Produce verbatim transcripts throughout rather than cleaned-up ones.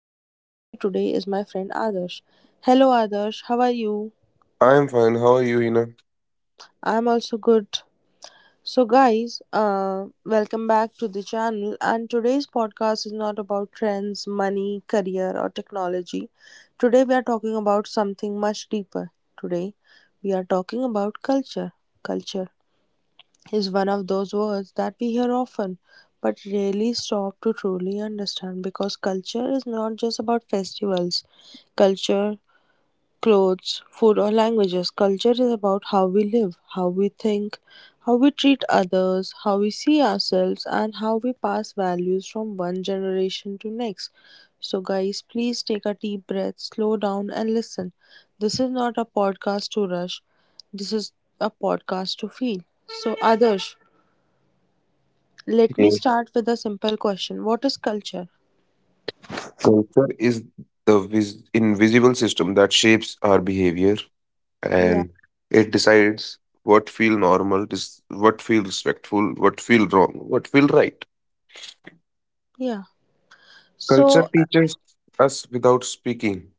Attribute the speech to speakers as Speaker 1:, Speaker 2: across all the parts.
Speaker 1: and joining me today is my friend Adarsh. Hello, Adarsh, how are you?
Speaker 2: I'm fine. How are you, Hina?
Speaker 1: I'm also good. So, guys, uh, welcome back to the channel. And today's podcast is not about trends, money, career, or technology. Today, we are talking about something much deeper. Today, we are talking about culture. Culture is one of those words that we hear often but rarely stop to truly understand, because culture is not just about festivals, culture, clothes, food, or languages. Culture is about how we live, how we think, how we treat others, how we see ourselves, and how we pass values from one generation to next. So, guys, please take a deep breath, slow down, and listen. This is not a podcast to rush, this is a podcast to feel. So, Adarsh, let me
Speaker 2: Yeah.
Speaker 1: start with a simple question. What is culture?
Speaker 2: Culture is the vis invisible system that shapes our behavior
Speaker 1: Yeah.
Speaker 2: and it decides what feel normal, dis- what feel respectful, what feel wrong, what feel right.
Speaker 1: Yeah.
Speaker 2: Culture
Speaker 1: So, uh,
Speaker 2: teaches us without speaking.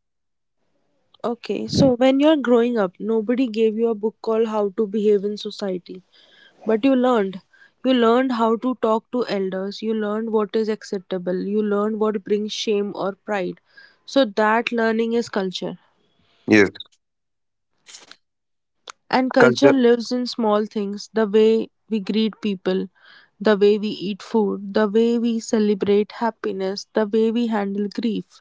Speaker 1: okay. So, when you're growing up, nobody gave you a book called How to Behave in Society, but you learned. You learned how to talk to elders, you learned what is acceptable, you learned what brings shame or pride. So, that learning is culture.
Speaker 2: Yes,
Speaker 1: And culture
Speaker 2: culture
Speaker 1: lives in small things: the way we greet people, the way we eat food, the way we celebrate happiness, the way we handle grief.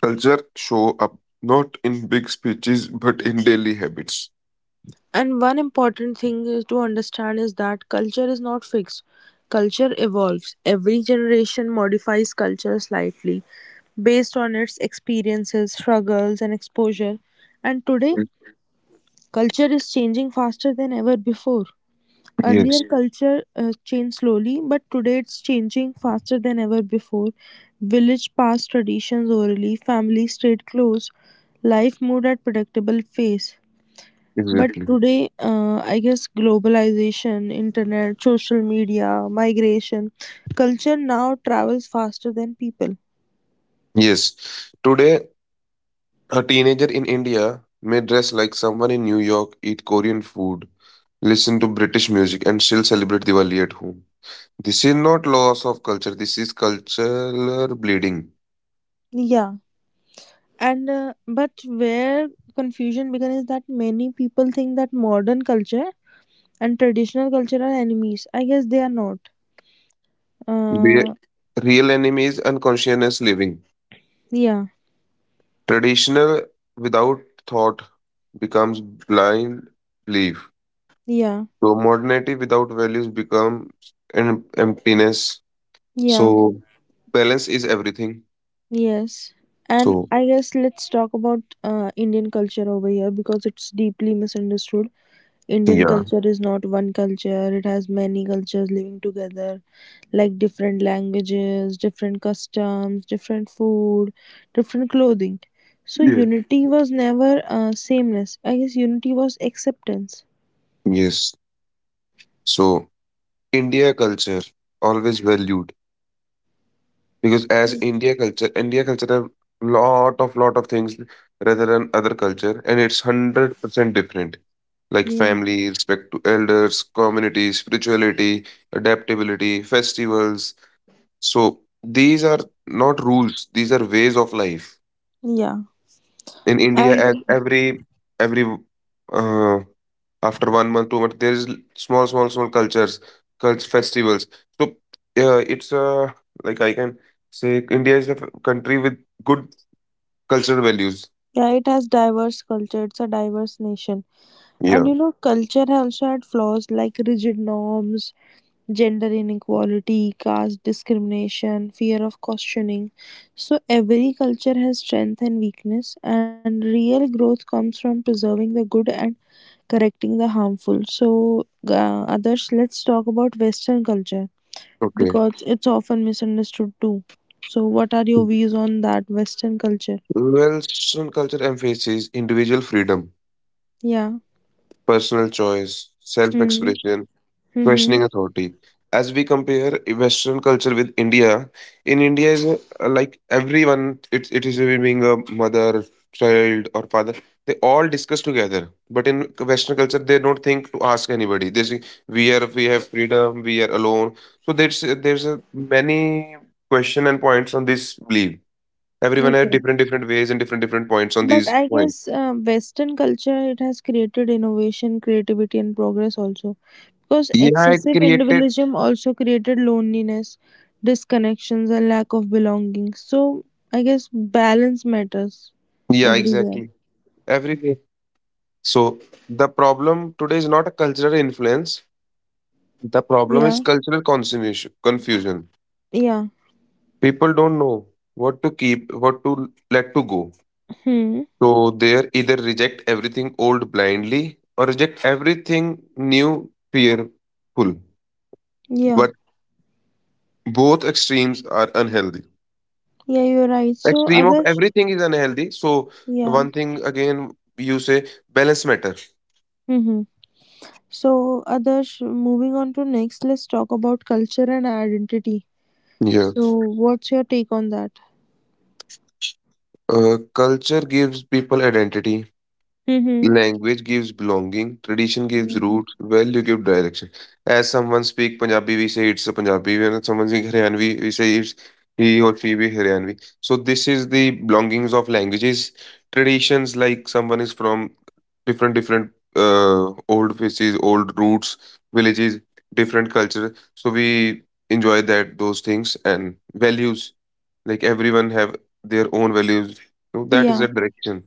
Speaker 2: culture show up not in big speeches but in daily habits.
Speaker 1: And one important thing is to understand is that culture is not fixed. Culture evolves. Every generation modifies culture slightly based on its experiences, struggles, and exposure. And today,
Speaker 2: Mm.
Speaker 1: culture is changing faster than ever before. Earlier,
Speaker 2: Yes,
Speaker 1: culture uh, changed slowly, but today it's changing faster than ever before. Village passed traditions orally, families stayed close, life moved at predictable pace. But
Speaker 2: exactly.
Speaker 1: today, uh, I guess globalization, internet, social media, migration, culture now travels faster than people.
Speaker 2: Yes. Today, a teenager in India may dress like someone in New York, eat Korean food, listen to British music, and still celebrate Diwali at home. This is not loss of culture, this is cultural bleeding.
Speaker 1: Yeah. And uh, but where confusion began is that many people think that modern culture and traditional culture are enemies. I guess they are not.
Speaker 2: The
Speaker 1: Uh,
Speaker 2: real enemy is unconscious living.
Speaker 1: yeah,
Speaker 2: Traditional without thought becomes blind belief.
Speaker 1: yeah,
Speaker 2: So modernity without values becomes em- emptiness.
Speaker 1: yeah,
Speaker 2: So balance is everything.
Speaker 1: yes. And
Speaker 2: So
Speaker 1: I guess let's talk about uh, Indian culture over here because it's deeply misunderstood. Indian
Speaker 2: yeah.
Speaker 1: culture is not one culture, it has many cultures living together, like different languages, different customs, different food, different clothing. So,
Speaker 2: Yeah.
Speaker 1: unity was never uh, sameness. I guess unity was acceptance.
Speaker 2: Yes. So India culture always valued, because as
Speaker 1: Mm.
Speaker 2: India culture, India culture have lot of lot of things rather than other culture, and it's hundred percent different. Like
Speaker 1: Yeah.
Speaker 2: family, respect to elders, community, spirituality, adaptability, festivals. So these are not rules; these are ways of life.
Speaker 1: Yeah.
Speaker 2: In India,
Speaker 1: And
Speaker 2: as every every uh, after one month, two months, there is l- small, small, small cultures, culture festivals. So uh, it's uh, like I can say India is a f- country with good cultural values.
Speaker 1: yeah, it has diverse culture. It's a diverse nation. And
Speaker 2: Yeah.
Speaker 1: you know, culture also had flaws like rigid norms, gender inequality, caste discrimination, fear of questioning. So, every culture has strength and weakness, and real growth comes from preserving the good and correcting the harmful. So, uh, others, let's talk about Western culture
Speaker 2: Okay.
Speaker 1: because it's often misunderstood too. So, what are your views on that Western culture?
Speaker 2: Western culture emphasizes individual freedom,
Speaker 1: Yeah.
Speaker 2: personal choice,
Speaker 1: Hmm.
Speaker 2: self-expression,
Speaker 1: Mm-hmm.
Speaker 2: questioning authority. As we compare Western culture with India, in India is uh, like everyone, it, it is, even being a mother, child, or father, they all discuss together. But in Western culture, they don't think to ask anybody. They say, we are, we have freedom, we are alone. So there's there's a many question and points on this belief. Everyone has
Speaker 1: Okay.
Speaker 2: different different ways and different different points on
Speaker 1: But
Speaker 2: these
Speaker 1: I
Speaker 2: points.
Speaker 1: guess uh, Western culture it has created innovation, creativity, and progress also. Because
Speaker 2: Yeah, it
Speaker 1: excessive
Speaker 2: created.
Speaker 1: individualism also created loneliness, disconnections, and lack of belonging. So I guess balance matters
Speaker 2: Yeah,
Speaker 1: everywhere.
Speaker 2: exactly. Every So the problem today is not a cultural influence. The problem is
Speaker 1: Yeah,
Speaker 2: cultural confusion. Confusion.
Speaker 1: yeah,
Speaker 2: People don't know what to keep, what to let to go.
Speaker 1: hmm,
Speaker 2: So they either reject everything old blindly or reject everything new fearful.
Speaker 1: yeah,
Speaker 2: But both extremes are unhealthy.
Speaker 1: yeah. You're right. So
Speaker 2: Extreme of
Speaker 1: others,
Speaker 2: everything is unhealthy. So
Speaker 1: yeah,
Speaker 2: one thing again, you say balance matter.
Speaker 1: hmm. So others, moving on to next, let's talk about culture and identity.
Speaker 2: Yeah.
Speaker 1: So what's your take on that?
Speaker 2: Uh, culture gives people identity.
Speaker 1: Mm-hmm.
Speaker 2: Language gives belonging, tradition gives
Speaker 1: Mm.
Speaker 2: roots, value gives direction. As someone speak Punjabi, we say it's a Punjabi, and someone speak Haryanvi, we say it's he or she be Haryanvi. So this is the belongings of languages. Traditions like someone is from different different uh, old faces, old roots, villages, different culture. So we enjoy that those things and values. Like everyone have their own values. So that is
Speaker 1: Yeah.
Speaker 2: a direction.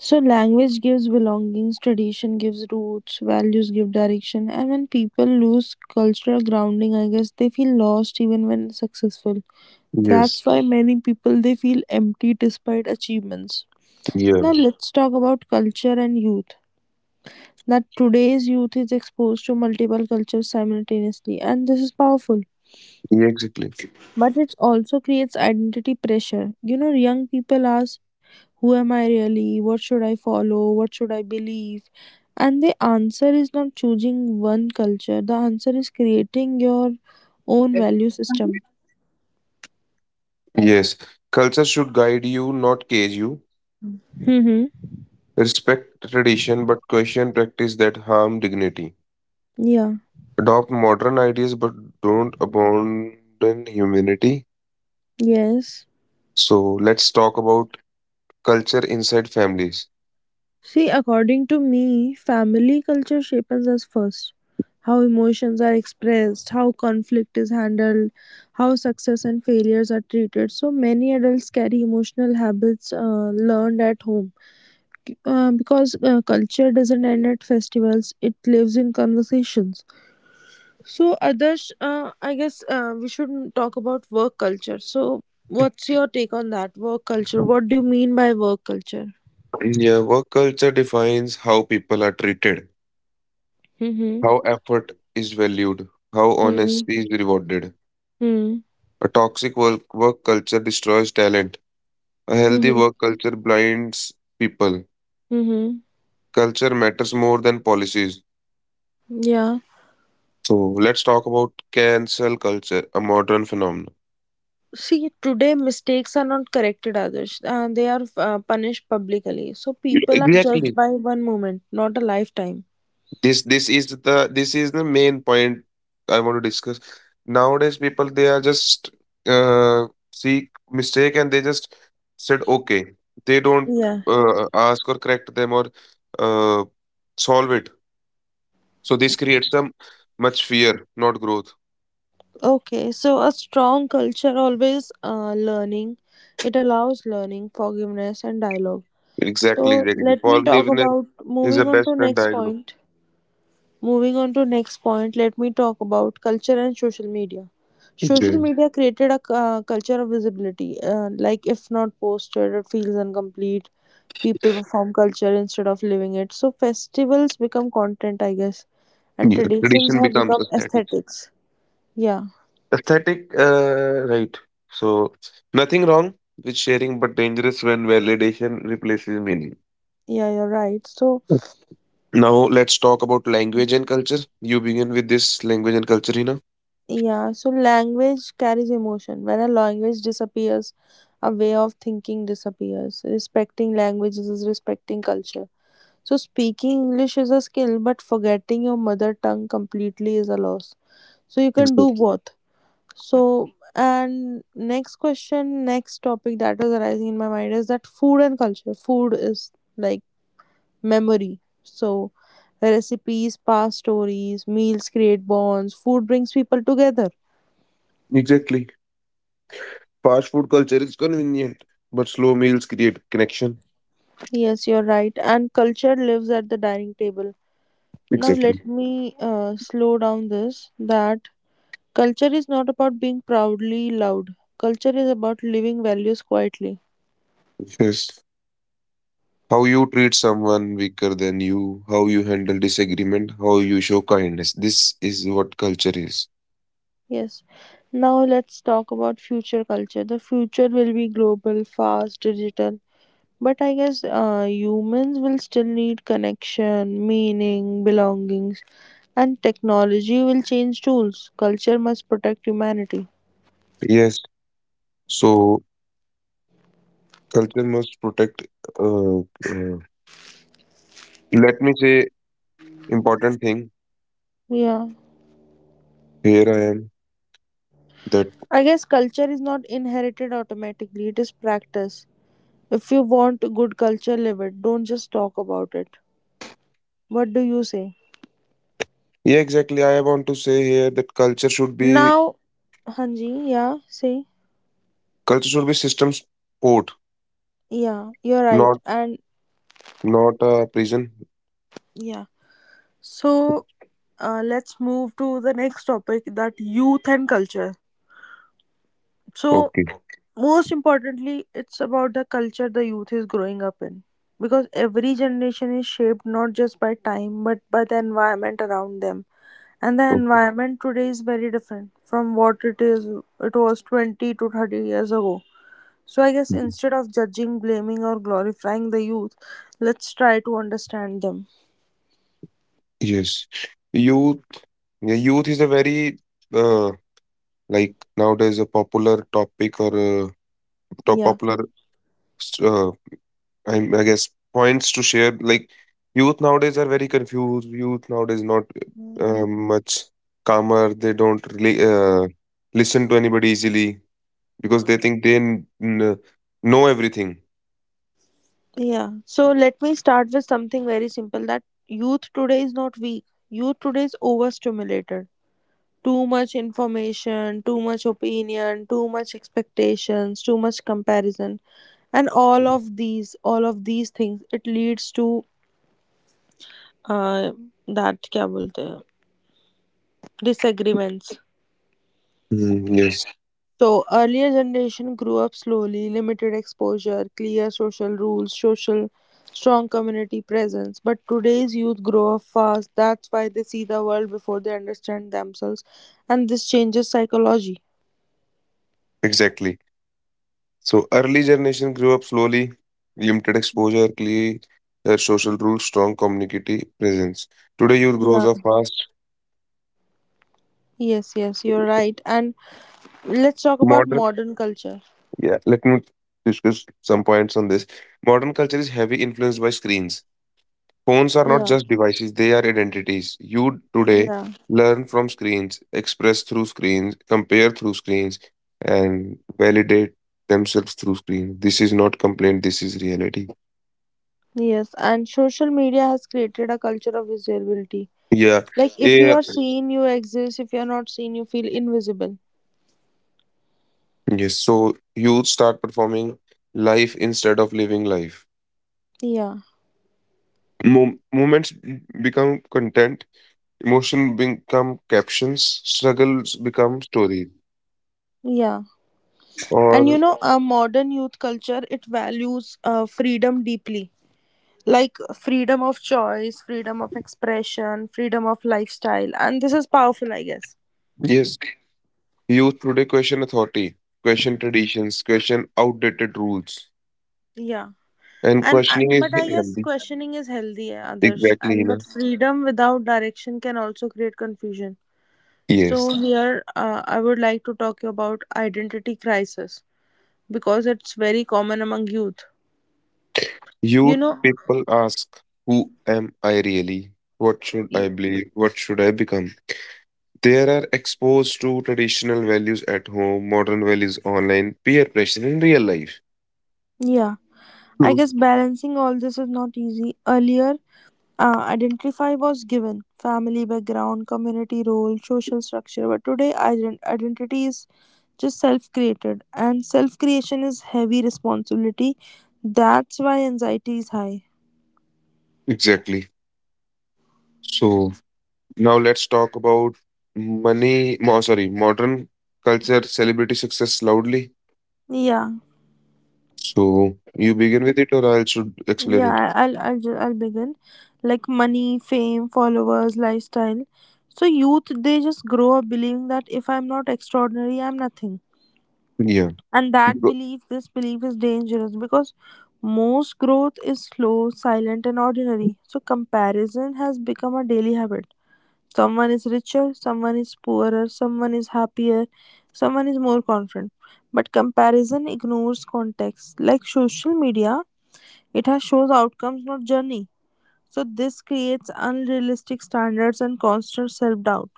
Speaker 1: So language gives belongings, tradition gives roots, values give direction, and when people lose cultural grounding, I guess they feel lost even when successful.
Speaker 2: Yes.
Speaker 1: That's why many people they feel empty despite achievements.
Speaker 2: Yeah.
Speaker 1: Now let's talk about culture and youth. That today's youth is exposed to multiple cultures simultaneously, and this is powerful,
Speaker 2: Yeah, exactly.
Speaker 1: but it also creates identity pressure. You know, young people ask, who am I really? What should I follow? What should I believe? And the answer is not choosing one culture, the answer is creating your own value system.
Speaker 2: Yes. Culture should guide you, not cage you.
Speaker 1: Mm-hmm.
Speaker 2: Respect tradition, but question practice that harm dignity.
Speaker 1: Yeah.
Speaker 2: Adopt modern ideas, but don't abandon humanity.
Speaker 1: Yes.
Speaker 2: So let's talk about culture inside families.
Speaker 1: See, according to me, family culture shapes us first. How emotions are expressed, how conflict is handled, how success and failures are treated. So many adults carry emotional habits uh, learned at home. Uh, because uh, culture doesn't end at festivals, it lives in conversations. So, Adarsh, uh, I guess uh, we should talk about work culture. So, what's your take on that? Work culture. What do you mean by work culture?
Speaker 2: Yeah, work culture defines how people are treated,
Speaker 1: Mm-hmm.
Speaker 2: how effort is valued, how
Speaker 1: Mm-hmm.
Speaker 2: honesty is rewarded. A toxic work, work culture destroys talent. A healthy
Speaker 1: Mhm.
Speaker 2: work culture blinds people.
Speaker 1: Mhm.
Speaker 2: Culture matters more than policies.
Speaker 1: Yeah.
Speaker 2: So let's talk about cancel culture, a modern phenomenon.
Speaker 1: See, today mistakes are not corrected, Adarsh. Uh, they are uh, punished publicly. So people are judged
Speaker 2: Exactly.
Speaker 1: by one moment, not a lifetime.
Speaker 2: This this is the this is the main point I want to discuss. Nowadays, people they are just, uh, see mistake and they just said okay. They don't
Speaker 1: Yeah.
Speaker 2: uh, ask or correct them or uh, solve it. So this creates some much fear, not growth.
Speaker 1: Okay. So a strong culture always uh, learning. It allows learning, forgiveness, and dialogue.
Speaker 2: Exactly,
Speaker 1: So
Speaker 2: exactly.
Speaker 1: let me talk
Speaker 2: Forgiveness
Speaker 1: about
Speaker 2: is the
Speaker 1: moving on
Speaker 2: best
Speaker 1: to
Speaker 2: friend
Speaker 1: next
Speaker 2: diagnose.
Speaker 1: point. Moving on to next point, let me talk about culture and social media. Social
Speaker 2: Know.
Speaker 1: media created a uh, culture of visibility. Uh, like if not posted, it feels incomplete. People perform culture instead of living it. So festivals become content, I guess, and
Speaker 2: Yeah,
Speaker 1: traditions
Speaker 2: tradition
Speaker 1: have
Speaker 2: becomes
Speaker 1: become
Speaker 2: aesthetic.
Speaker 1: aesthetics. Yeah,
Speaker 2: Aesthetic, uh, right. So, nothing wrong with sharing, but dangerous when validation replaces meaning.
Speaker 1: yeah, you're right. So
Speaker 2: Now, let's talk about language and culture. You begin with this language and culture, Hina.
Speaker 1: yeah, so language carries emotion. When a language disappears, a way of thinking disappears. Respecting languages is respecting culture. So speaking English is a skill, but forgetting your mother tongue completely is a loss. So you can do
Speaker 2: Exactly.
Speaker 1: both. So and next question, next topic that is arising in my mind is that food and culture. Food is like memory. So recipes, past stories, meals create bonds. Food brings people together.
Speaker 2: Exactly. Fast food culture is convenient, but slow meals create connection.
Speaker 1: Yes, you're right. And culture lives at the dining table. Now
Speaker 2: Exactly.
Speaker 1: let me uh, slow down this. That culture is not about being proudly loud. Culture is about living values quietly.
Speaker 2: Yes. How you treat someone weaker than you, how you handle disagreement, how you show kindness. This is what culture is.
Speaker 1: Yes. Now let's talk about future culture. The future will be global, fast, digital. But I guess uh, humans will still need connection, meaning, belongings, and technology will change tools. Culture must protect humanity.
Speaker 2: Yes. So culture must protect. Uh, uh, Let me say important thing.
Speaker 1: Yeah.
Speaker 2: Here I am. That
Speaker 1: I guess culture is not inherited automatically, it is practice. If you want good culture, live it. Don't just talk about it. What do you say?
Speaker 2: Yeah, exactly. I want to say here that culture should be
Speaker 1: Now, Hanji, yeah, say,
Speaker 2: culture should be system support,
Speaker 1: yeah, you're right.
Speaker 2: not
Speaker 1: And
Speaker 2: not a prison.
Speaker 1: yeah, so uh, let's move to the next topic, that youth and culture. So,
Speaker 2: Okay.
Speaker 1: most importantly, it's about the culture the youth is growing up in, because every generation is shaped not just by time but by the environment around them. And the
Speaker 2: Okay.
Speaker 1: environment today is very different from what it is it was twenty to thirty years ago. So I guess instead of judging, blaming, or glorifying the youth, let's try to understand them.
Speaker 2: Yes. Youth. Yeah, youth is a very uh, like nowadays a popular topic, or uh, top
Speaker 1: Yeah.
Speaker 2: popular, uh, I, I guess, points to share, like youth nowadays are very confused, youth nowadays not uh,
Speaker 1: Hmm.
Speaker 2: much calmer, they don't really uh, listen to anybody easily because they think they n- n- know everything.
Speaker 1: Yeah. So let me start with something very simple, that youth today is not weak. Youth today is overstimulated. Too much information, too much opinion, too much expectations, too much comparison. And all of these, all of these things, it leads to uh, that क्या बोलते हैं, disagreements.
Speaker 2: Mm, yes,
Speaker 1: So earlier generation grew up slowly, limited exposure, clear social rules, social strong community presence. But today's youth grow up fast. That's why they see the world before they understand themselves, and this changes psychology.
Speaker 2: exactly. So early generation grew up slowly, limited exposure, clear uh, social rules, strong community presence. Today youth grows
Speaker 1: Yeah.
Speaker 2: up fast.
Speaker 1: Yes. Yes. You're right. And let's talk about
Speaker 2: Modern
Speaker 1: modern culture.
Speaker 2: Yeah, let me discuss some points on this. Modern culture is heavy influenced by screens. Phones are not
Speaker 1: Yeah.
Speaker 2: just devices, they are identities. You
Speaker 1: Yeah.
Speaker 2: today learn from screens, express through screens, compare through screens, and validate themselves through screens. This is not complaint, this is reality.
Speaker 1: Yes. And social media has created a culture of visibility.
Speaker 2: Yeah.
Speaker 1: Like if you
Speaker 2: Yeah.
Speaker 1: are seen, you exist. If you are not seen, you feel invisible.
Speaker 2: Yes. So youth start performing life instead of living life.
Speaker 1: Yeah.
Speaker 2: Mo- moments b- become content, emotion become captions, struggles become stories.
Speaker 1: Yeah. And you
Speaker 2: Or
Speaker 1: know, a modern youth culture it values uh, freedom deeply, like freedom of choice, freedom of expression, freedom of lifestyle, and this is powerful, I guess.
Speaker 2: Yes, youth today question authority, question traditions, question outdated rules,
Speaker 1: Yeah,
Speaker 2: and
Speaker 1: and I,
Speaker 2: questioning is
Speaker 1: but I guess
Speaker 2: healthy.
Speaker 1: questioning is healthy, eh, others,
Speaker 2: Exactly,
Speaker 1: and but
Speaker 2: Hina.
Speaker 1: freedom without direction can also create confusion. So
Speaker 2: Yes.
Speaker 1: here, uh, I would like to talk about identity crisis because it's very common among youth. You
Speaker 2: Youth
Speaker 1: know,
Speaker 2: people ask, who am I really? What should I believe? What should I become? They are exposed to traditional values at home, modern values online, peer pressure in real life.
Speaker 1: yeah, I
Speaker 2: True.
Speaker 1: guess balancing all this is not easy. Earlier, Uh, identify was given family background, community role, social structure, but today ident- identity is just self created, and self creation is heavy responsibility. That's why anxiety is high.
Speaker 2: Exactly. So now let's talk about money, mo- sorry, modern culture, celebrity success loudly.
Speaker 1: Yeah,
Speaker 2: So you begin with it, or I should explain it?
Speaker 1: yeah. I'll I'll ju- I'll begin. Like money, fame, followers, lifestyle. So youth, they just grow up believing that if I'm not extraordinary, I'm nothing.
Speaker 2: Yeah.
Speaker 1: And that
Speaker 2: Go-
Speaker 1: belief this belief is dangerous, because most growth is slow, silent, and ordinary. So comparison has become a daily habit. Someone is richer, someone is poorer, someone is happier, someone is more confident. But comparison ignores context. Like social media, it has shows outcomes, not journey. So this creates unrealistic standards and constant self doubt.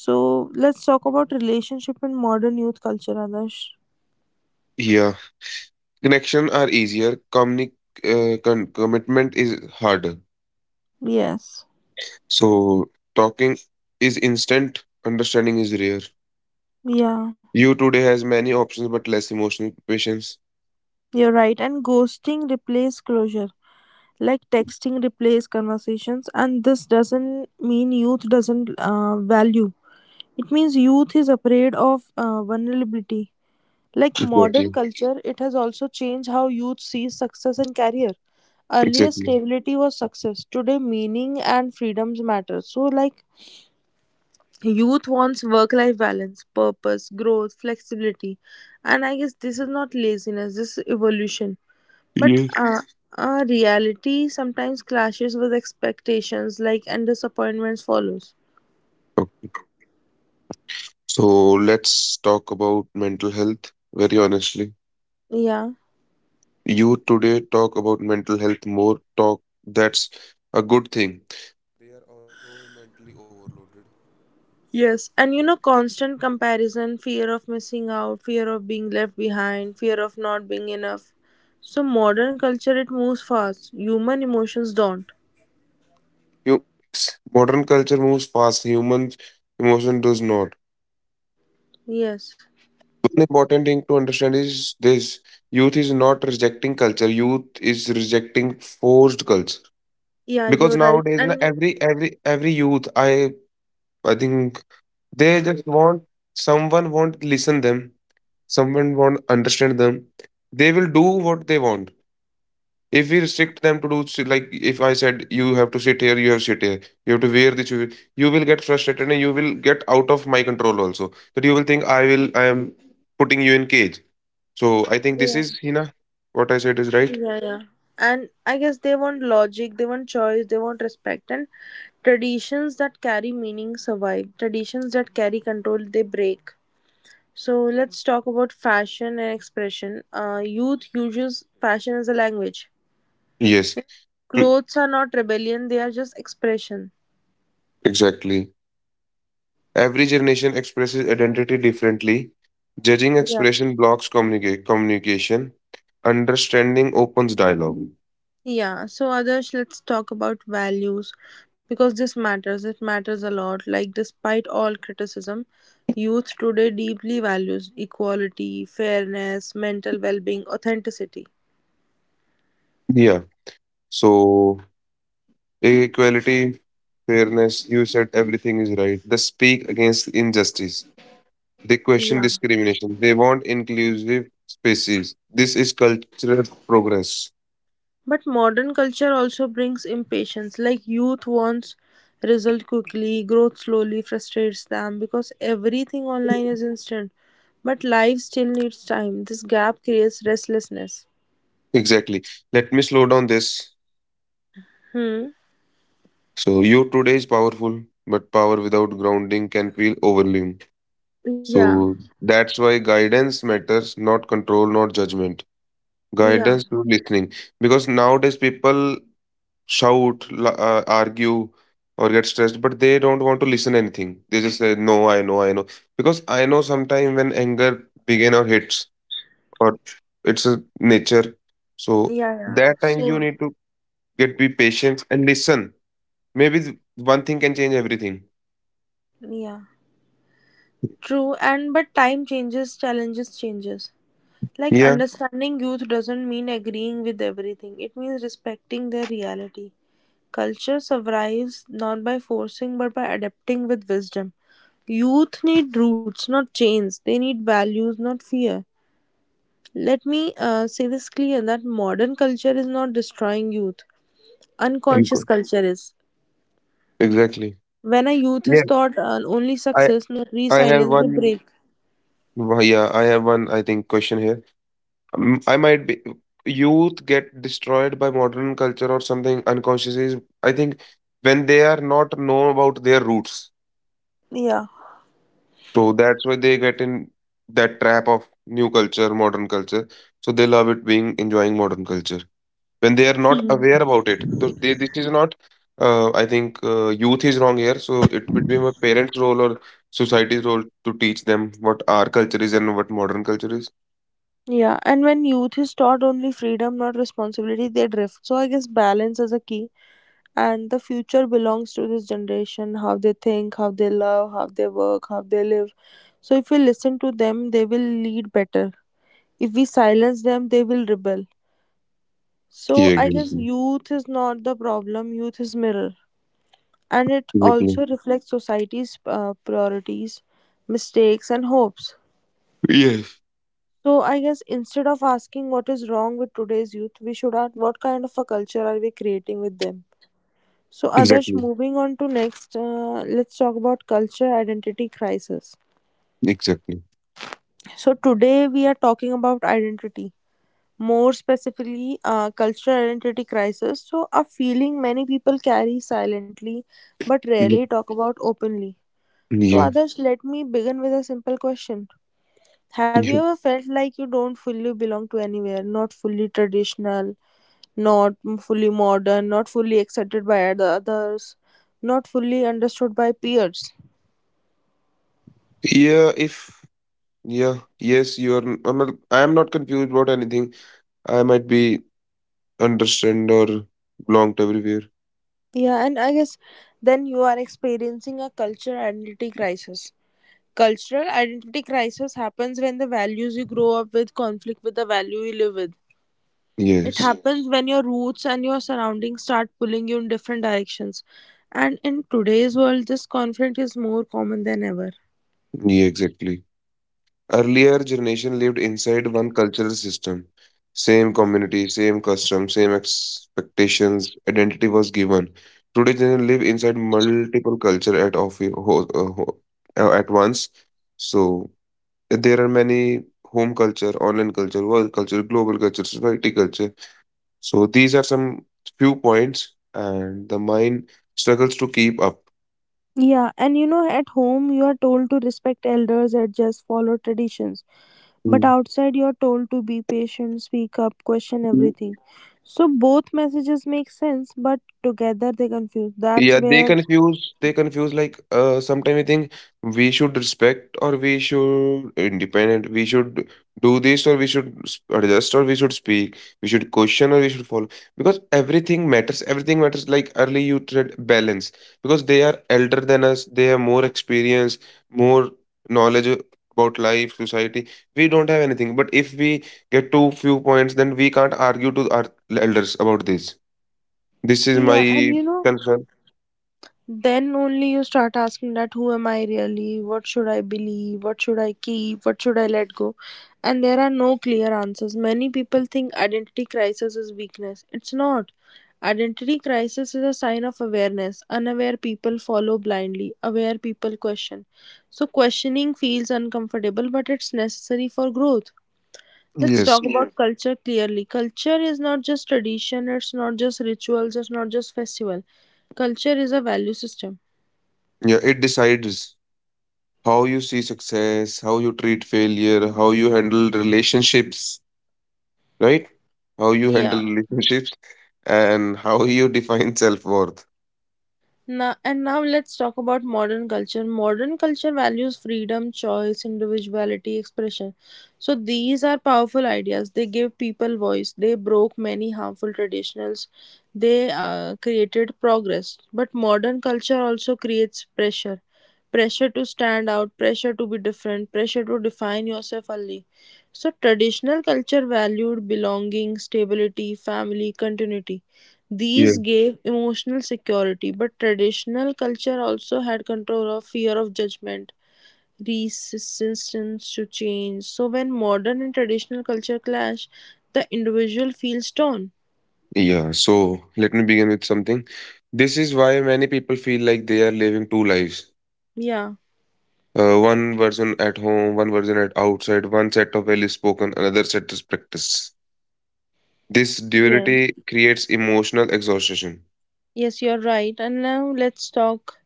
Speaker 1: So let's talk about relationship in modern youth culture, Adarsh.
Speaker 2: Yeah. Connection are easier. Communi- uh, con- commitment is harder.
Speaker 1: Yes.
Speaker 2: So talking is instant. Understanding is rare.
Speaker 1: Yeah.
Speaker 2: You today has many options but less emotional patience.
Speaker 1: You're right, and ghosting replaces closure. Like texting replaces conversations, and this doesn't mean youth doesn't uh, value. It means youth is afraid of uh, vulnerability. Like modern
Speaker 2: Exactly.
Speaker 1: culture, it has also changed how youth sees success and career. Earlier,
Speaker 2: Exactly.
Speaker 1: stability was success. Today, meaning and freedoms matter. So, like, youth wants work-life balance, purpose, growth, flexibility, and I guess this is not laziness. This is evolution. But
Speaker 2: Yes.
Speaker 1: uh, uh, reality sometimes clashes with expectations, like, and disappointments follows.
Speaker 2: Okay. So let's talk about mental health very honestly.
Speaker 1: Yeah.
Speaker 2: You today talk about mental health more. Talk That's a good thing.
Speaker 1: Yes, and you know, constant comparison, fear of missing out, fear of being left behind, fear of not being enough. So, modern culture it moves fast, human emotions don't.
Speaker 2: Emotion does not.
Speaker 1: Yes,
Speaker 2: One important thing to understand is this: youth is not rejecting culture, youth is rejecting forced culture.
Speaker 1: yeah,
Speaker 2: Because
Speaker 1: you're right.
Speaker 2: nowadays, na,
Speaker 1: And
Speaker 2: every every every youth, I I think, they just want someone won't listen them, someone won't understand them. They will do what they want. If we restrict them to do s- like, if I said you have to sit here, you have to sit here, you have to wear this, you will get frustrated and you will get out of my control also. That you will think I will I am putting you in cage. So I think
Speaker 1: yeah.
Speaker 2: this is, Hina, what I said is right.
Speaker 1: Yeah, yeah. And I guess they want logic, they want choice, they want respect, and traditions that carry meaning survive. Traditions that carry control, they break. So let's talk about fashion and expression. Uh, youth uses fashion as a language.
Speaker 2: Yes, mm,
Speaker 1: Clothes are not rebellion; they are just expression.
Speaker 2: exactly. Every generation expresses identity differently. Judging
Speaker 1: Yeah.
Speaker 2: expression blocks communicate communication. Understanding opens dialogue.
Speaker 1: Yeah, so Adarsh, let's talk about values because this matters. It matters a lot. Like, despite all criticism, youth today deeply values equality, fairness, mental well being, authenticity.
Speaker 2: Yeah. So equality, fairness, you said everything is right. They speak against injustice. They question
Speaker 1: Yeah.
Speaker 2: discrimination. They want inclusive spaces. This is cultural progress.
Speaker 1: But modern culture also brings impatience. Like, youth wants result quickly, growth slowly frustrates them because everything online is instant. But life still needs time. This gap creates restlessness.
Speaker 2: Exactly. Let me slow down this.
Speaker 1: Hmm.
Speaker 2: So, you today is powerful, but power without grounding can feel overwhelming.
Speaker 1: Yeah.
Speaker 2: So, that's why guidance matters, not control, not judgment.
Speaker 1: Yeah.
Speaker 2: Guidance through listening. Because nowadays, people shout, la- uh, argue, or get stressed, but they don't want to listen anything. They just say, "No, I know, I know," because I know sometime when anger begin or hits, or it's a nature. So
Speaker 1: Yeah, yeah.
Speaker 2: that time you
Speaker 1: So,
Speaker 2: need to get be patient and listen. Maybe th- one thing can change everything.
Speaker 1: yeah. True, and but time changes, challenges changes. Like
Speaker 2: Yeah,
Speaker 1: understanding youth doesn't mean agreeing with everything. It means respecting their reality. Culture survives not by forcing but by adapting with wisdom. Youth need roots, not chains. They need values, not fear. Let me uh, say this clear that modern culture is not destroying youth. Unconscious
Speaker 2: uncle.
Speaker 1: culture is.
Speaker 2: Exactly.
Speaker 1: When a youth is
Speaker 2: Yeah,
Speaker 1: taught uh, only
Speaker 2: I
Speaker 1: success, not
Speaker 2: I have
Speaker 1: resilience, they
Speaker 2: one.
Speaker 1: break.
Speaker 2: wh- Yeah, I have one. I think question here. Mm, I might be youth get destroyed by modern culture or something unconsciously. is- I think when they are not know about their roots,
Speaker 1: Yeah.
Speaker 2: so that's why they get in that trap of new culture, modern culture. So they love it being enjoying modern culture when they are not aware about it. So they, this is not. Uh, I think uh, youth is wrong here. So it would be my parent's role or society's role to teach them what our culture is and what modern culture is.
Speaker 1: Yeah. And when youth is taught only freedom, not responsibility, they drift. So I guess balance is a key. And the future belongs to this generation, how they think, how they love, how they work, how they live. So if we listen to them, they will lead better. If we silence them, they will rebel. So
Speaker 2: Yeah,
Speaker 1: I guess
Speaker 2: exactly.
Speaker 1: youth is not the problem, youth is mirror. And it
Speaker 2: Exactly.
Speaker 1: also reflects society's uh, priorities, mistakes, and hopes.
Speaker 2: Yes.
Speaker 1: So I guess instead of asking what is wrong with today's youth, we should ask what kind of a culture are we creating with them. So others,
Speaker 2: Exactly.
Speaker 1: moving on to next, uh, let's talk about culture identity crisis.
Speaker 2: Exactly.
Speaker 1: So today we are talking about identity, more specifically, uh, cultural identity crisis. So a feeling many people carry silently, but
Speaker 2: Yep.
Speaker 1: rarely talk about openly. So
Speaker 2: Yeah.
Speaker 1: others, let me begin with a simple question. Have you
Speaker 2: Yeah.
Speaker 1: ever felt like you don't fully belong to anywhere, not fully traditional, not fully modern, not fully accepted by other others, not fully understood by peers.
Speaker 2: Yeah. If Yeah, yes, you are. n- I'm not, I am not confused about anything. I might be understand or belong to everywhere.
Speaker 1: Yeah, and I guess then you are experiencing a cultural identity crisis. Cultural identity crisis happens when the values you grow up with conflict with the value you live with. It
Speaker 2: Yes.
Speaker 1: happens when your roots and your surroundings start pulling you in different directions. And in today's world, this conflict is more common than ever.
Speaker 2: Yeah. Exactly. Earlier generation lived inside one cultural system, same community, same custom, same expectations. Identity was given. Today, generation live inside multiple culture at of ho, uh, ho, uh, at once. So, there are many home culture, online culture, world culture, global culture, society culture. So these are some few points, and the mind struggles to keep up.
Speaker 1: Yeah, and you know, at home, you are told to respect elders and just follow traditions, but
Speaker 2: Mm.
Speaker 1: outside you're told to be patient, speak up, question everything. So both messages make sense, but together they confuse. That's
Speaker 2: Yeah, they
Speaker 1: where.
Speaker 2: confuse. They confuse, like, uh. sometimes I think we should respect, or we should independent. We should do this, or we should s- adjust, or we should speak. We should question, or we should follow, because everything matters. Everything matters. Like early you said, balance, because they are elder than us. They have more experience, more knowledge about life, society. We don't have anything. But if we get too few points, then we can't argue to our elders about this. This is
Speaker 1: Yeah. and
Speaker 2: my
Speaker 1: you know
Speaker 2: concern.
Speaker 1: then only you start asking that who am I really? What should I believe? What should I keep? What should I let go? And there are no clear answers. Many people think identity crisis is weakness. It's not. Identity crisis is a sign of awareness. Unaware people follow blindly. Aware people question. So questioning feels uncomfortable, but it's necessary for growth. Let's
Speaker 2: Yes.
Speaker 1: talk, yeah, about, yes, culture clearly. Culture is not just tradition, it's not just rituals, it's not just festival. Culture is a value system.
Speaker 2: Yeah, it decides how you see success, how you treat failure, how you handle relationships, right? How you handle
Speaker 1: Yeah.
Speaker 2: relationships and how you define self-worth.
Speaker 1: Now, and now let's talk about modern culture. Modern culture values freedom, choice, individuality, expression. So these are powerful ideas. They give people voice. They broke many harmful traditionals. They uh, created progress. But modern culture also creates pressure. Pressure to stand out, pressure to be different, pressure to define yourself only. So, traditional culture valued belonging, stability, family, continuity. These
Speaker 2: Yeah.
Speaker 1: gave emotional security, but traditional culture also had control of fear of judgment, resistance to change. So when modern and traditional culture clash, the individual feels torn.
Speaker 2: Yeah. So let me begin with something. This is why many people feel like they are living two lives.
Speaker 1: Yeah.
Speaker 2: Uh, one version at home, one version at outside, one set of values spoken, another set is practiced. This
Speaker 1: Yes.
Speaker 2: duality creates emotional exhaustion.
Speaker 1: Yes, you're right. And now let's talk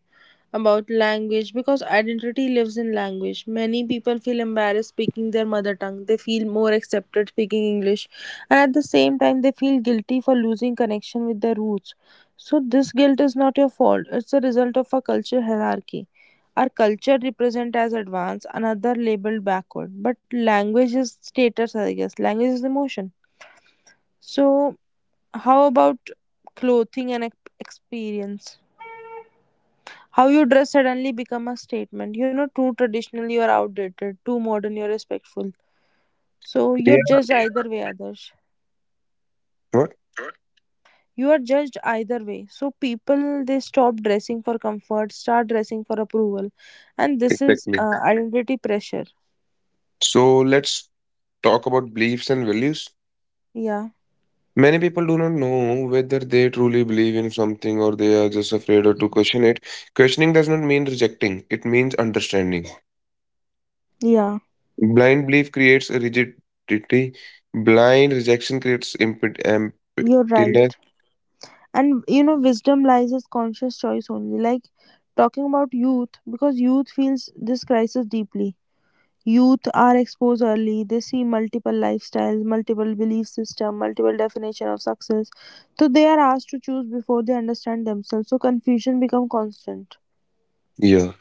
Speaker 1: about language because identity lives in language. Many people feel embarrassed speaking their mother tongue. They feel more accepted speaking English, and at the same time, they feel guilty for losing connection with their roots. So, this guilt is not your fault, it's a result of a culture hierarchy. Our culture represent as advanced, another labeled backward. But language is status, I guess. Language is emotion. So, how about clothing and ex- experience? How you dress suddenly become a statement. You know, too traditional you are outdated, too modern you are respectful. So you're
Speaker 2: Yeah.
Speaker 1: judged either way, others.
Speaker 2: What?
Speaker 1: You are judged either way. So people they stop dressing for comfort, start dressing for approval, and this is
Speaker 2: Exactly.
Speaker 1: uh, identity pressure.
Speaker 2: So let's talk about beliefs and values.
Speaker 1: Yeah,
Speaker 2: Many people do not know whether they truly believe in something, or they are just afraid or to question it. Questioning does not mean rejecting, it means understanding.
Speaker 1: yeah,
Speaker 2: Blind belief creates a rigidity, blind rejection creates impet-
Speaker 1: you're
Speaker 2: emptiness.
Speaker 1: right. And you know, wisdom lies is conscious choice only. Like talking about youth because youth feels this crisis deeply. Youth are exposed early. They see multiple lifestyles, multiple belief system, multiple definition of success. So they are asked to choose before they understand themselves. So confusion become constant.
Speaker 2: Yeah,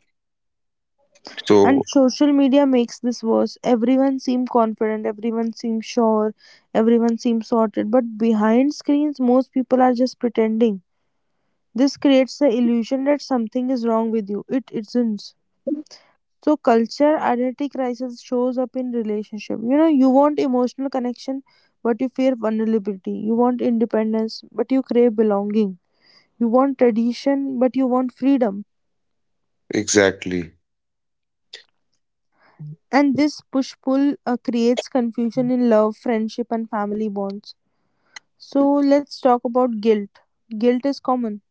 Speaker 1: And
Speaker 2: so
Speaker 1: social media makes this worse. Everyone seems confident, everyone seems sure, everyone seems sorted. But behind screens, most people are just pretending. This creates the illusion that something is wrong with you. It isn't. So culture identity crisis shows up in relationship. You know, you want emotional connection, but you fear vulnerability. You want independence, but you crave belonging. You want tradition, but you want freedom.
Speaker 2: exactly.
Speaker 1: And this push pull uh, creates confusion in love, friendship, and family bonds. So let's talk about guilt. Guilt is common.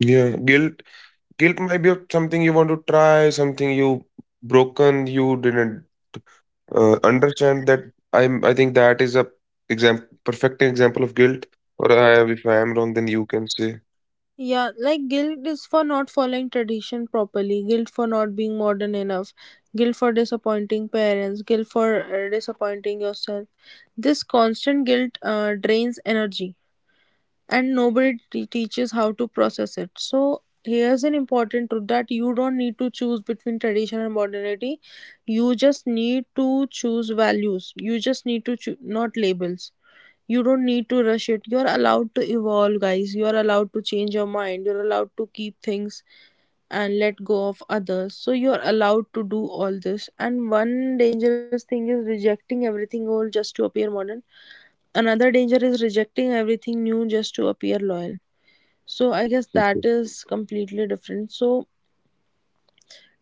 Speaker 2: Yeah, guilt. Guilt might be of something you want to try, something you broken, you didn't. Uh, understand that I'm I think that is a example perfect example of guilt, or I, if I am wrong then you can say.
Speaker 1: Yeah, like guilt is for not following tradition properly, guilt for not being modern enough, guilt for disappointing parents, guilt for uh, disappointing yourself. This constant guilt uh, drains energy, and nobody te- teaches how to process it. So, here's an important truth that you don't need to choose between tradition and modernity. You just need to choose values. You just need to choose, not labels. You don't need to rush it. You're allowed to evolve, guys. You're allowed to change your mind. You're allowed to keep things and let go of others. So you're allowed to do all this. And one dangerous thing is rejecting everything old just to appear modern. Another danger is rejecting everything new just to appear loyal. So I guess that
Speaker 2: Mhm.
Speaker 1: is completely different. So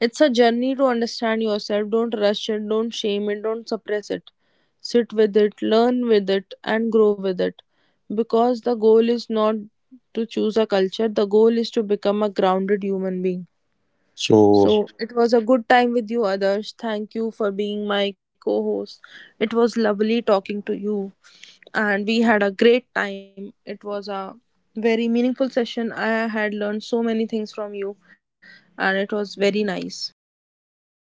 Speaker 1: it's a journey to understand yourself. Don't rush it, don't shame it, don't suppress it. Sit with it, learn with it, and grow with it. Because the goal is not to choose a culture, the goal is to become a grounded human being.
Speaker 2: So.
Speaker 1: So it was a good time with you, others. Thank you for being my co host. It was lovely talking to you and we had a great time. It was a very meaningful session. I had learned so many things from you, and it was very nice. So, thank you so